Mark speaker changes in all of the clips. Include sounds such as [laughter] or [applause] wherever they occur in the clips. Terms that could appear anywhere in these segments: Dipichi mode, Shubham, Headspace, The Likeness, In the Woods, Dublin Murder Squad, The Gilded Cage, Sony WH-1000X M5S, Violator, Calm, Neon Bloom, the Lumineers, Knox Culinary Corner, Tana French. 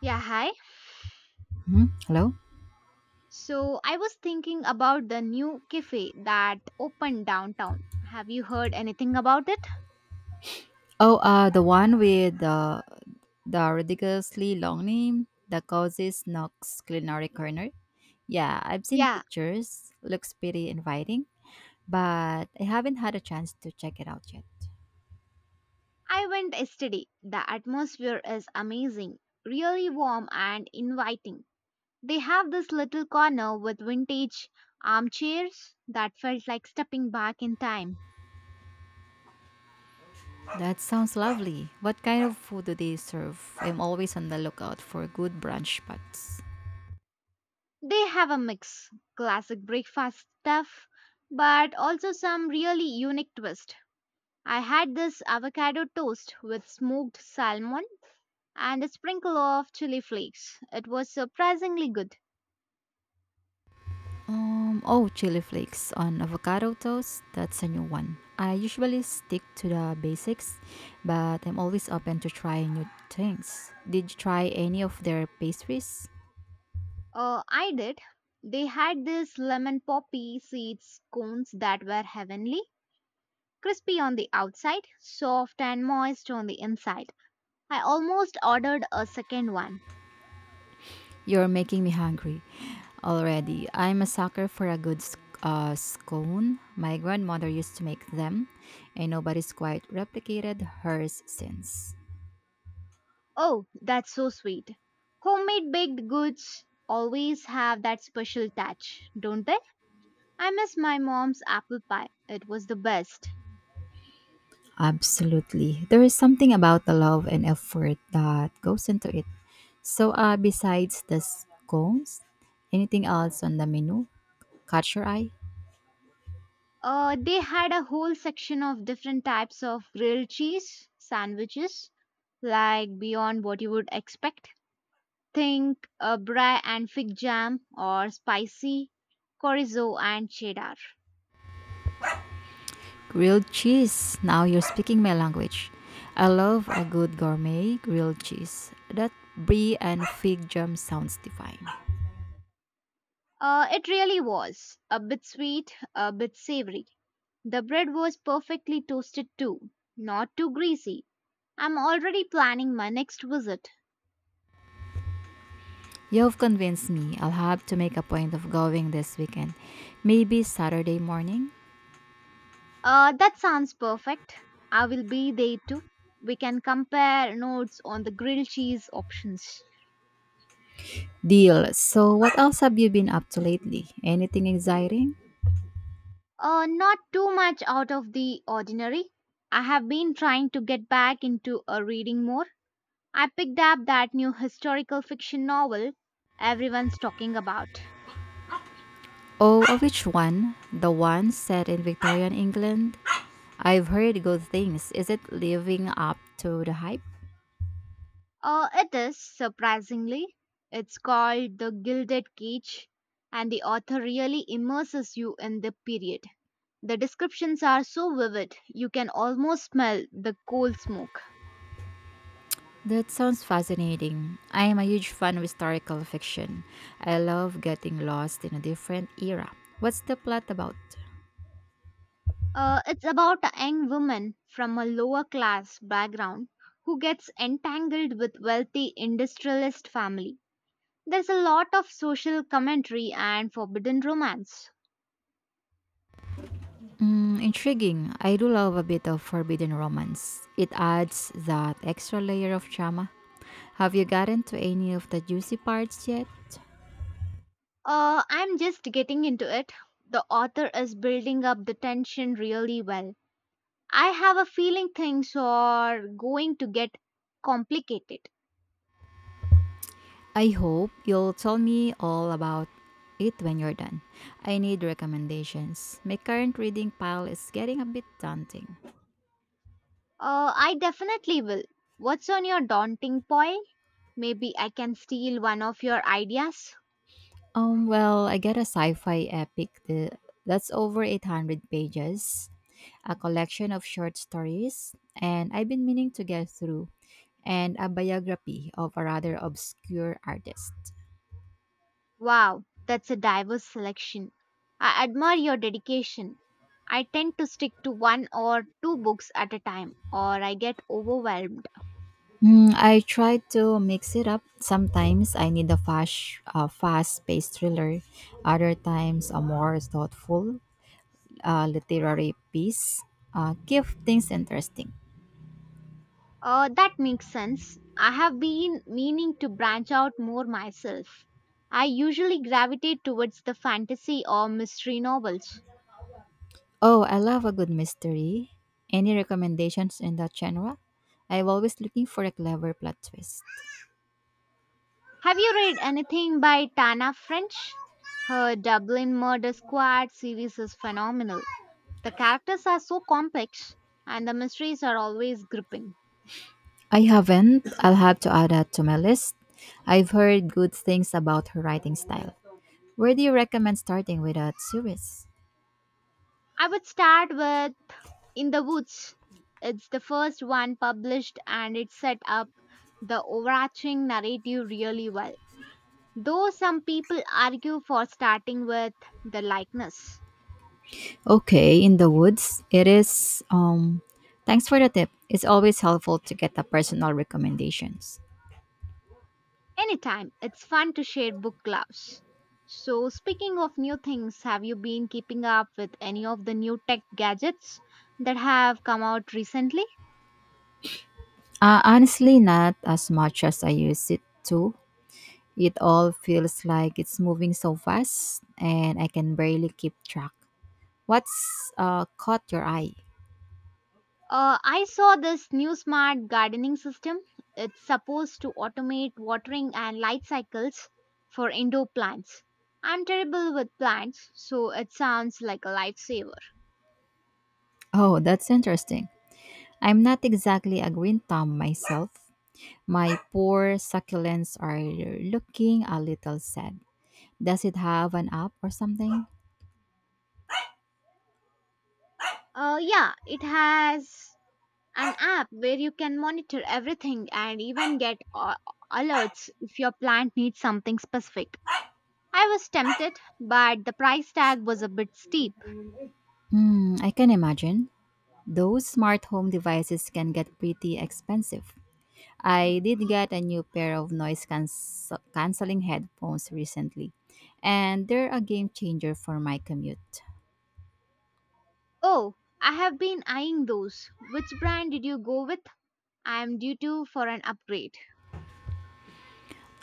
Speaker 1: Yeah, hi.
Speaker 2: Mhm. Hello.
Speaker 1: So I was thinking about the new cafe that opened downtown. Have you heard anything about it?
Speaker 2: Oh, the one with the ridiculously long name that causes Knox Culinary Corner. Yeah, I've seen
Speaker 1: Yeah,
Speaker 2: pictures. Looks pretty inviting, but I haven't had a chance to check it out yet.
Speaker 1: I went yesterday. The atmosphere is amazing, really warm and inviting. They have this little corner with vintage armchairs that felt like stepping back in time.
Speaker 2: That sounds lovely. What kind of food do they serve? I'm always on the lookout for good brunch spots.
Speaker 1: They have a mix classic breakfast stuff, but also some really unique twist. I had this avocado toast with smoked salmon and a sprinkle of chili flakes. It was surprisingly good.
Speaker 2: Oh, chili flakes on avocado toast. That's a new one. I usually stick to the basics, but I'm always open to trying new things. Did you try any of their pastries?
Speaker 1: I did. They had these lemon poppy seeds cones that were heavenly, crispy on the outside, soft and moist on the inside. I almost ordered a second one.
Speaker 2: You're making me hungry already. I'm a sucker for a good scone. My grandmother used to make them, and nobody's quite replicated hers since.
Speaker 1: Oh, that's so sweet. Homemade baked goods always have that special touch, don't they? I miss my mom's apple pie. It was the best.
Speaker 2: Absolutely. There is something about the love and effort that goes into it. So, besides the scones, anything else on the menu? Catch your eye?
Speaker 1: They had a whole section of different types of grilled cheese sandwiches, like beyond what you would expect. Think brie and fig jam, or spicy chorizo and cheddar.
Speaker 2: Grilled cheese. Now you're speaking my language. I love a good gourmet grilled cheese. That brie and fig jam sounds divine.
Speaker 1: It really was a bit sweet, a bit savory. The bread was perfectly toasted too, not too greasy. I'm already planning my next visit.
Speaker 2: You've convinced me. I'll have to make a point of going this weekend. Maybe Saturday morning?
Speaker 1: That sounds perfect. I will be there too. We can compare notes on the grilled cheese options.
Speaker 2: Deal. So, what else have you been up to lately? Anything exciting?
Speaker 1: Not too much out of the ordinary. I have been trying to get back into reading more. I picked up that new historical fiction novel everyone's talking about.
Speaker 2: Oh, which one? The one set in Victorian England? I've heard good things. Is it living up to the hype?
Speaker 1: It is, surprisingly. It's called The Gilded Cage, and the author really immerses you in the period. The descriptions are so vivid, you can almost smell the coal smoke.
Speaker 2: That sounds fascinating. I am a huge fan of historical fiction. I love getting lost in a different era. What's the plot about?
Speaker 1: It's about a young woman from a lower class background who gets entangled with wealthy industrialist family. There's a lot of social commentary and forbidden romance.
Speaker 2: Mm, intriguing. I do love a bit of forbidden romance. It adds that extra layer of drama. Have you gotten to any of the juicy parts yet?
Speaker 1: I'm just getting into it. The author is building up the tension really well. I have a feeling things are going to get complicated.
Speaker 2: I hope you'll tell me all about it when you're done. I need recommendations. My current reading pile is getting a bit daunting.
Speaker 1: I definitely will. What's on your daunting pile? Maybe I can steal one of your ideas.
Speaker 2: Well, I got a sci-fi epic that's over 800 pages, a collection of short stories, and I've been meaning to get through, and a biography of a rather obscure artist.
Speaker 1: Wow, that's a diverse selection. I admire your dedication. I tend to stick to one or two books at a time, or I get overwhelmed.
Speaker 2: Mm, I try to mix it up. Sometimes I need a fast-paced thriller. Other times, a more thoughtful literary piece. Keep things interesting.
Speaker 1: That makes sense. I have been meaning to branch out more myself. I usually gravitate towards the fantasy or mystery novels.
Speaker 2: Oh, I love a good mystery. Any recommendations in that genre? I'm always looking for a clever plot twist.
Speaker 1: Have you read anything by Tana French? Her Dublin Murder Squad series is phenomenal. The characters are so complex and the mysteries are always gripping.
Speaker 2: I haven't. I'll have to add that to my list. I've heard good things about her writing style. Where do you recommend starting with that series?
Speaker 1: I would start with In the Woods. It's the first one published and it set up the overarching narrative really well. Though some people argue for starting with The Likeness.
Speaker 2: Okay, in the woods, it is. Thanks for the tip. It's always helpful to get the personal recommendations.
Speaker 1: Anytime, it's fun to share book clubs. So, speaking of new things, have you been keeping up with any of the new tech gadgets that have come out recently?
Speaker 2: Honestly, not as much as I use it to. It all feels like it's moving so fast, and I can barely keep track. What's caught your eye?
Speaker 1: I saw this new smart gardening system. It's supposed to automate watering and light cycles for indoor plants. I'm terrible with plants, so it sounds like a lifesaver.
Speaker 2: Oh, that's interesting. I'm not exactly a green thumb myself. My poor succulents are looking a little sad. Does it have an app or something?
Speaker 1: Yeah, it has an app where you can monitor everything and even get alerts if your plant needs something specific. I was tempted, but the price tag was a bit steep.
Speaker 2: Mm, I can imagine. Those smart home devices can get pretty expensive. I did get a new pair of canceling headphones recently, and they're a game changer for my commute.
Speaker 1: Oh, I have been eyeing those. Which brand did you go with? I am due to for an upgrade.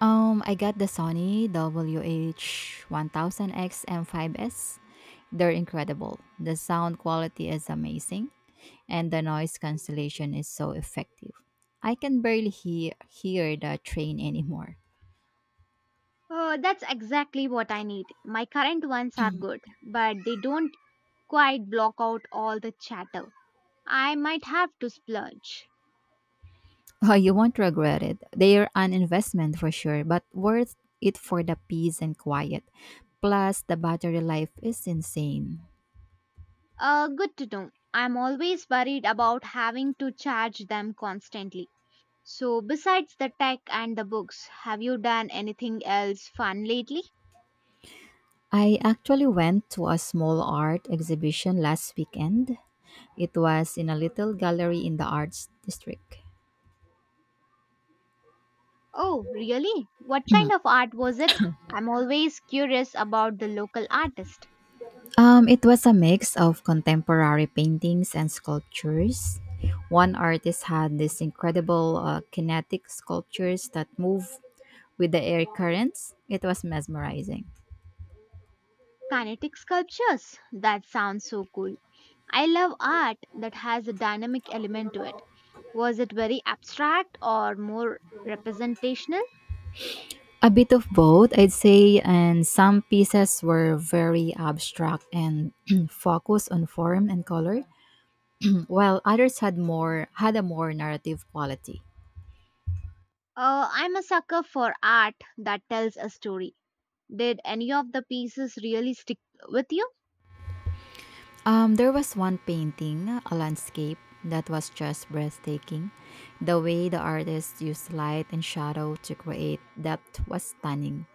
Speaker 2: I got the Sony WH-1000X M5S. They're incredible. The sound quality is amazing, and the noise cancellation is so effective. I can barely hear the train anymore.
Speaker 1: Oh, that's exactly what I need. My current ones are good, but they don't quite block out all the chatter. I might have to splurge.
Speaker 2: Oh, you won't regret it. They are an investment for sure, but worth it for the peace and quiet. Plus, the battery life is insane.
Speaker 1: Good to know. I'm always worried about having to charge them constantly. So, besides the tech and the books, have you done anything else fun lately?
Speaker 2: I actually went to a small art exhibition last weekend. It was in a little gallery in the arts district.
Speaker 1: Oh, really? What kind of art was it? I'm always curious about the local artist.
Speaker 2: It was a mix of contemporary paintings and sculptures. One artist had these incredible kinetic sculptures that move with the air currents. It was mesmerizing.
Speaker 1: Kinetic sculptures? That sounds so cool. I love art that has a dynamic element to it. Was it very abstract or more representational?
Speaker 2: A bit of both, I'd say, and some pieces were very abstract and [clears throat] focused on form and color, [clears throat] while others had a more narrative quality.
Speaker 1: I'm a sucker for art that tells a story. Did any of the pieces really stick with you?
Speaker 2: There was one painting, a landscape that was just breathtaking. The way the artist used light and shadow to create depth was stunning.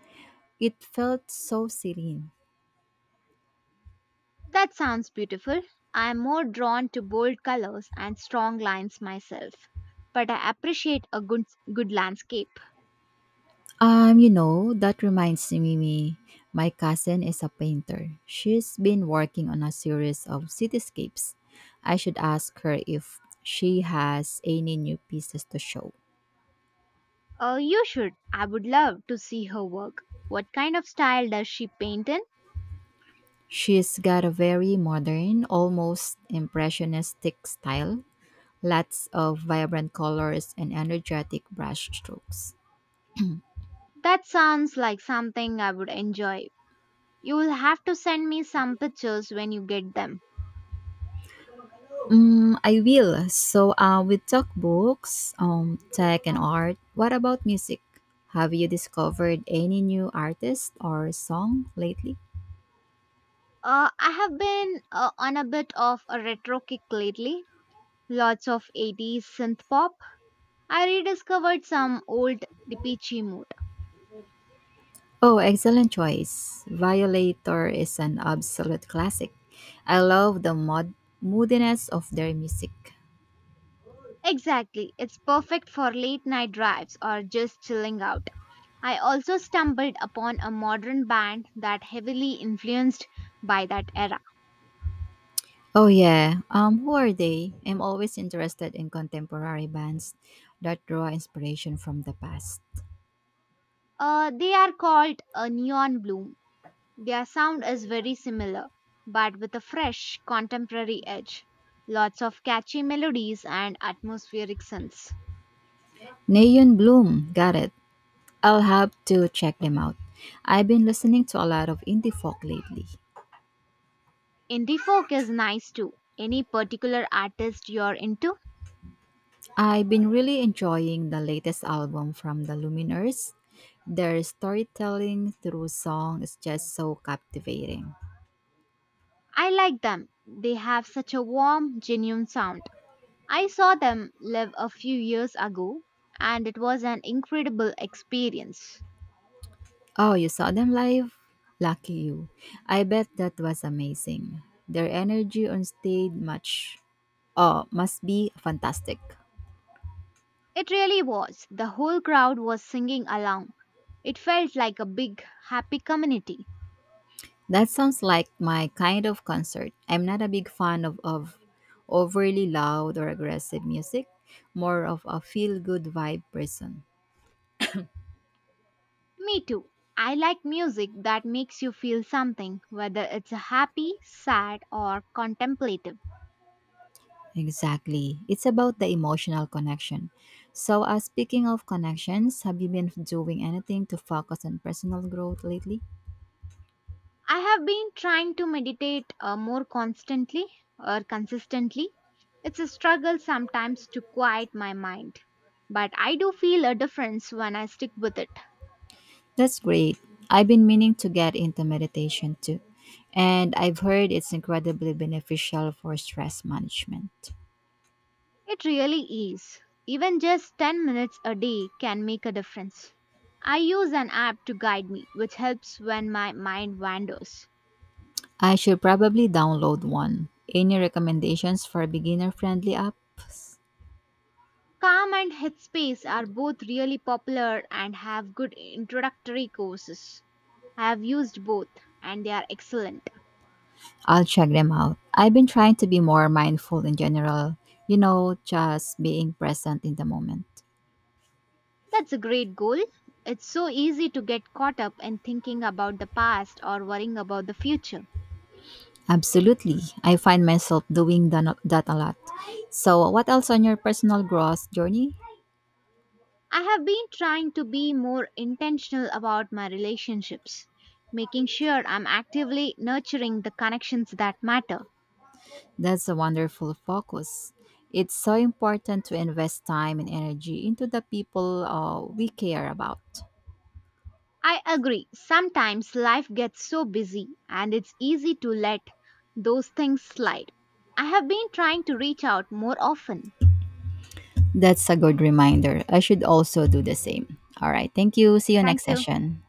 Speaker 2: It felt so serene.
Speaker 1: That sounds beautiful. I am more drawn to bold colors and strong lines myself, but I appreciate a good landscape.
Speaker 2: You know, that reminds me, my cousin is a painter. She's been working on a series of cityscapes. I should ask her if she has any new pieces to show.
Speaker 1: You should. I would love to see her work. What kind of style does she paint in?
Speaker 2: She's got a very modern, almost impressionistic style, lots of vibrant colors and energetic brush strokes.
Speaker 1: That sounds like something I would enjoy. You will have to send me some pictures when you get them.
Speaker 2: Mm, I will. So, we talk books, tech, and art. What about music? Have you discovered any new artist or song lately?
Speaker 1: I have been on a bit of a retro kick lately. Lots of 80s synth pop. I rediscovered some old Dipichi mode.
Speaker 2: Oh, excellent choice. Violator is an absolute classic. I love the moodiness of their music.
Speaker 1: Exactly, it's perfect for late night drives or just chilling out. I also stumbled upon a modern band that heavily influenced by that era.
Speaker 2: Oh yeah. Who are they? I'm always interested in contemporary bands that draw inspiration from the past.
Speaker 1: They are called a Neon Bloom. Their sound is very similar, but with a fresh contemporary edge. Lots of catchy melodies and atmospheric synths.
Speaker 2: Neon Bloom, got it. I'll have to check them out. I've been listening to a lot of indie folk lately.
Speaker 1: Indie folk is nice too. Any particular artist you're into?
Speaker 2: I've been really enjoying the latest album from the Lumineers. Their storytelling through song is just so captivating.
Speaker 1: I like them. They have such a warm, genuine sound. I saw them live a few years ago and it was an incredible experience.
Speaker 2: Oh, you saw them live? Lucky you. I bet that was amazing. Their energy on stage must be fantastic.
Speaker 1: It really was. The whole crowd was singing along. It felt like a big, happy community.
Speaker 2: That sounds like my kind of concert. I'm not a big fan of overly loud or aggressive music, more of a feel good vibe person.
Speaker 1: Me too. I like music that makes you feel something, whether it's happy, sad, or contemplative.
Speaker 2: Exactly. It's about the emotional connection. So, speaking of connections, have you been doing anything to focus on personal growth lately?
Speaker 1: I have been trying to meditate more constantly or consistently. It's a struggle sometimes to quiet my mind, but I do feel a difference when I stick with it.
Speaker 2: That's great. I've been meaning to get into meditation too, and I've heard it's incredibly beneficial for stress management.
Speaker 1: It really is. Even just 10 minutes a day can make a difference. I use an app to guide me, which helps when my mind wanders.
Speaker 2: I should probably download one. Any recommendations for beginner friendly apps?
Speaker 1: Calm and Headspace are both really popular and have good introductory courses. I have used both and they are excellent.
Speaker 2: I'll check them out. I've been trying to be more mindful in general, you know, just being present in the moment.
Speaker 1: That's a great goal. It's so easy to get caught up in thinking about the past or worrying about the future.
Speaker 2: Absolutely. I find myself doing that a lot. So, what else on your personal growth journey?
Speaker 1: I have been trying to be more intentional about my relationships, making sure I'm actively nurturing the connections that matter.
Speaker 2: That's a wonderful focus. It's so important to invest time and energy into the people we care about.
Speaker 1: I agree, sometimes life gets so busy and it's easy to let those things slide. I have been trying to reach out more often.
Speaker 2: That's a good reminder. I should also do the same. All right. Thank you. See you
Speaker 1: Thank
Speaker 2: next
Speaker 1: you.
Speaker 2: session.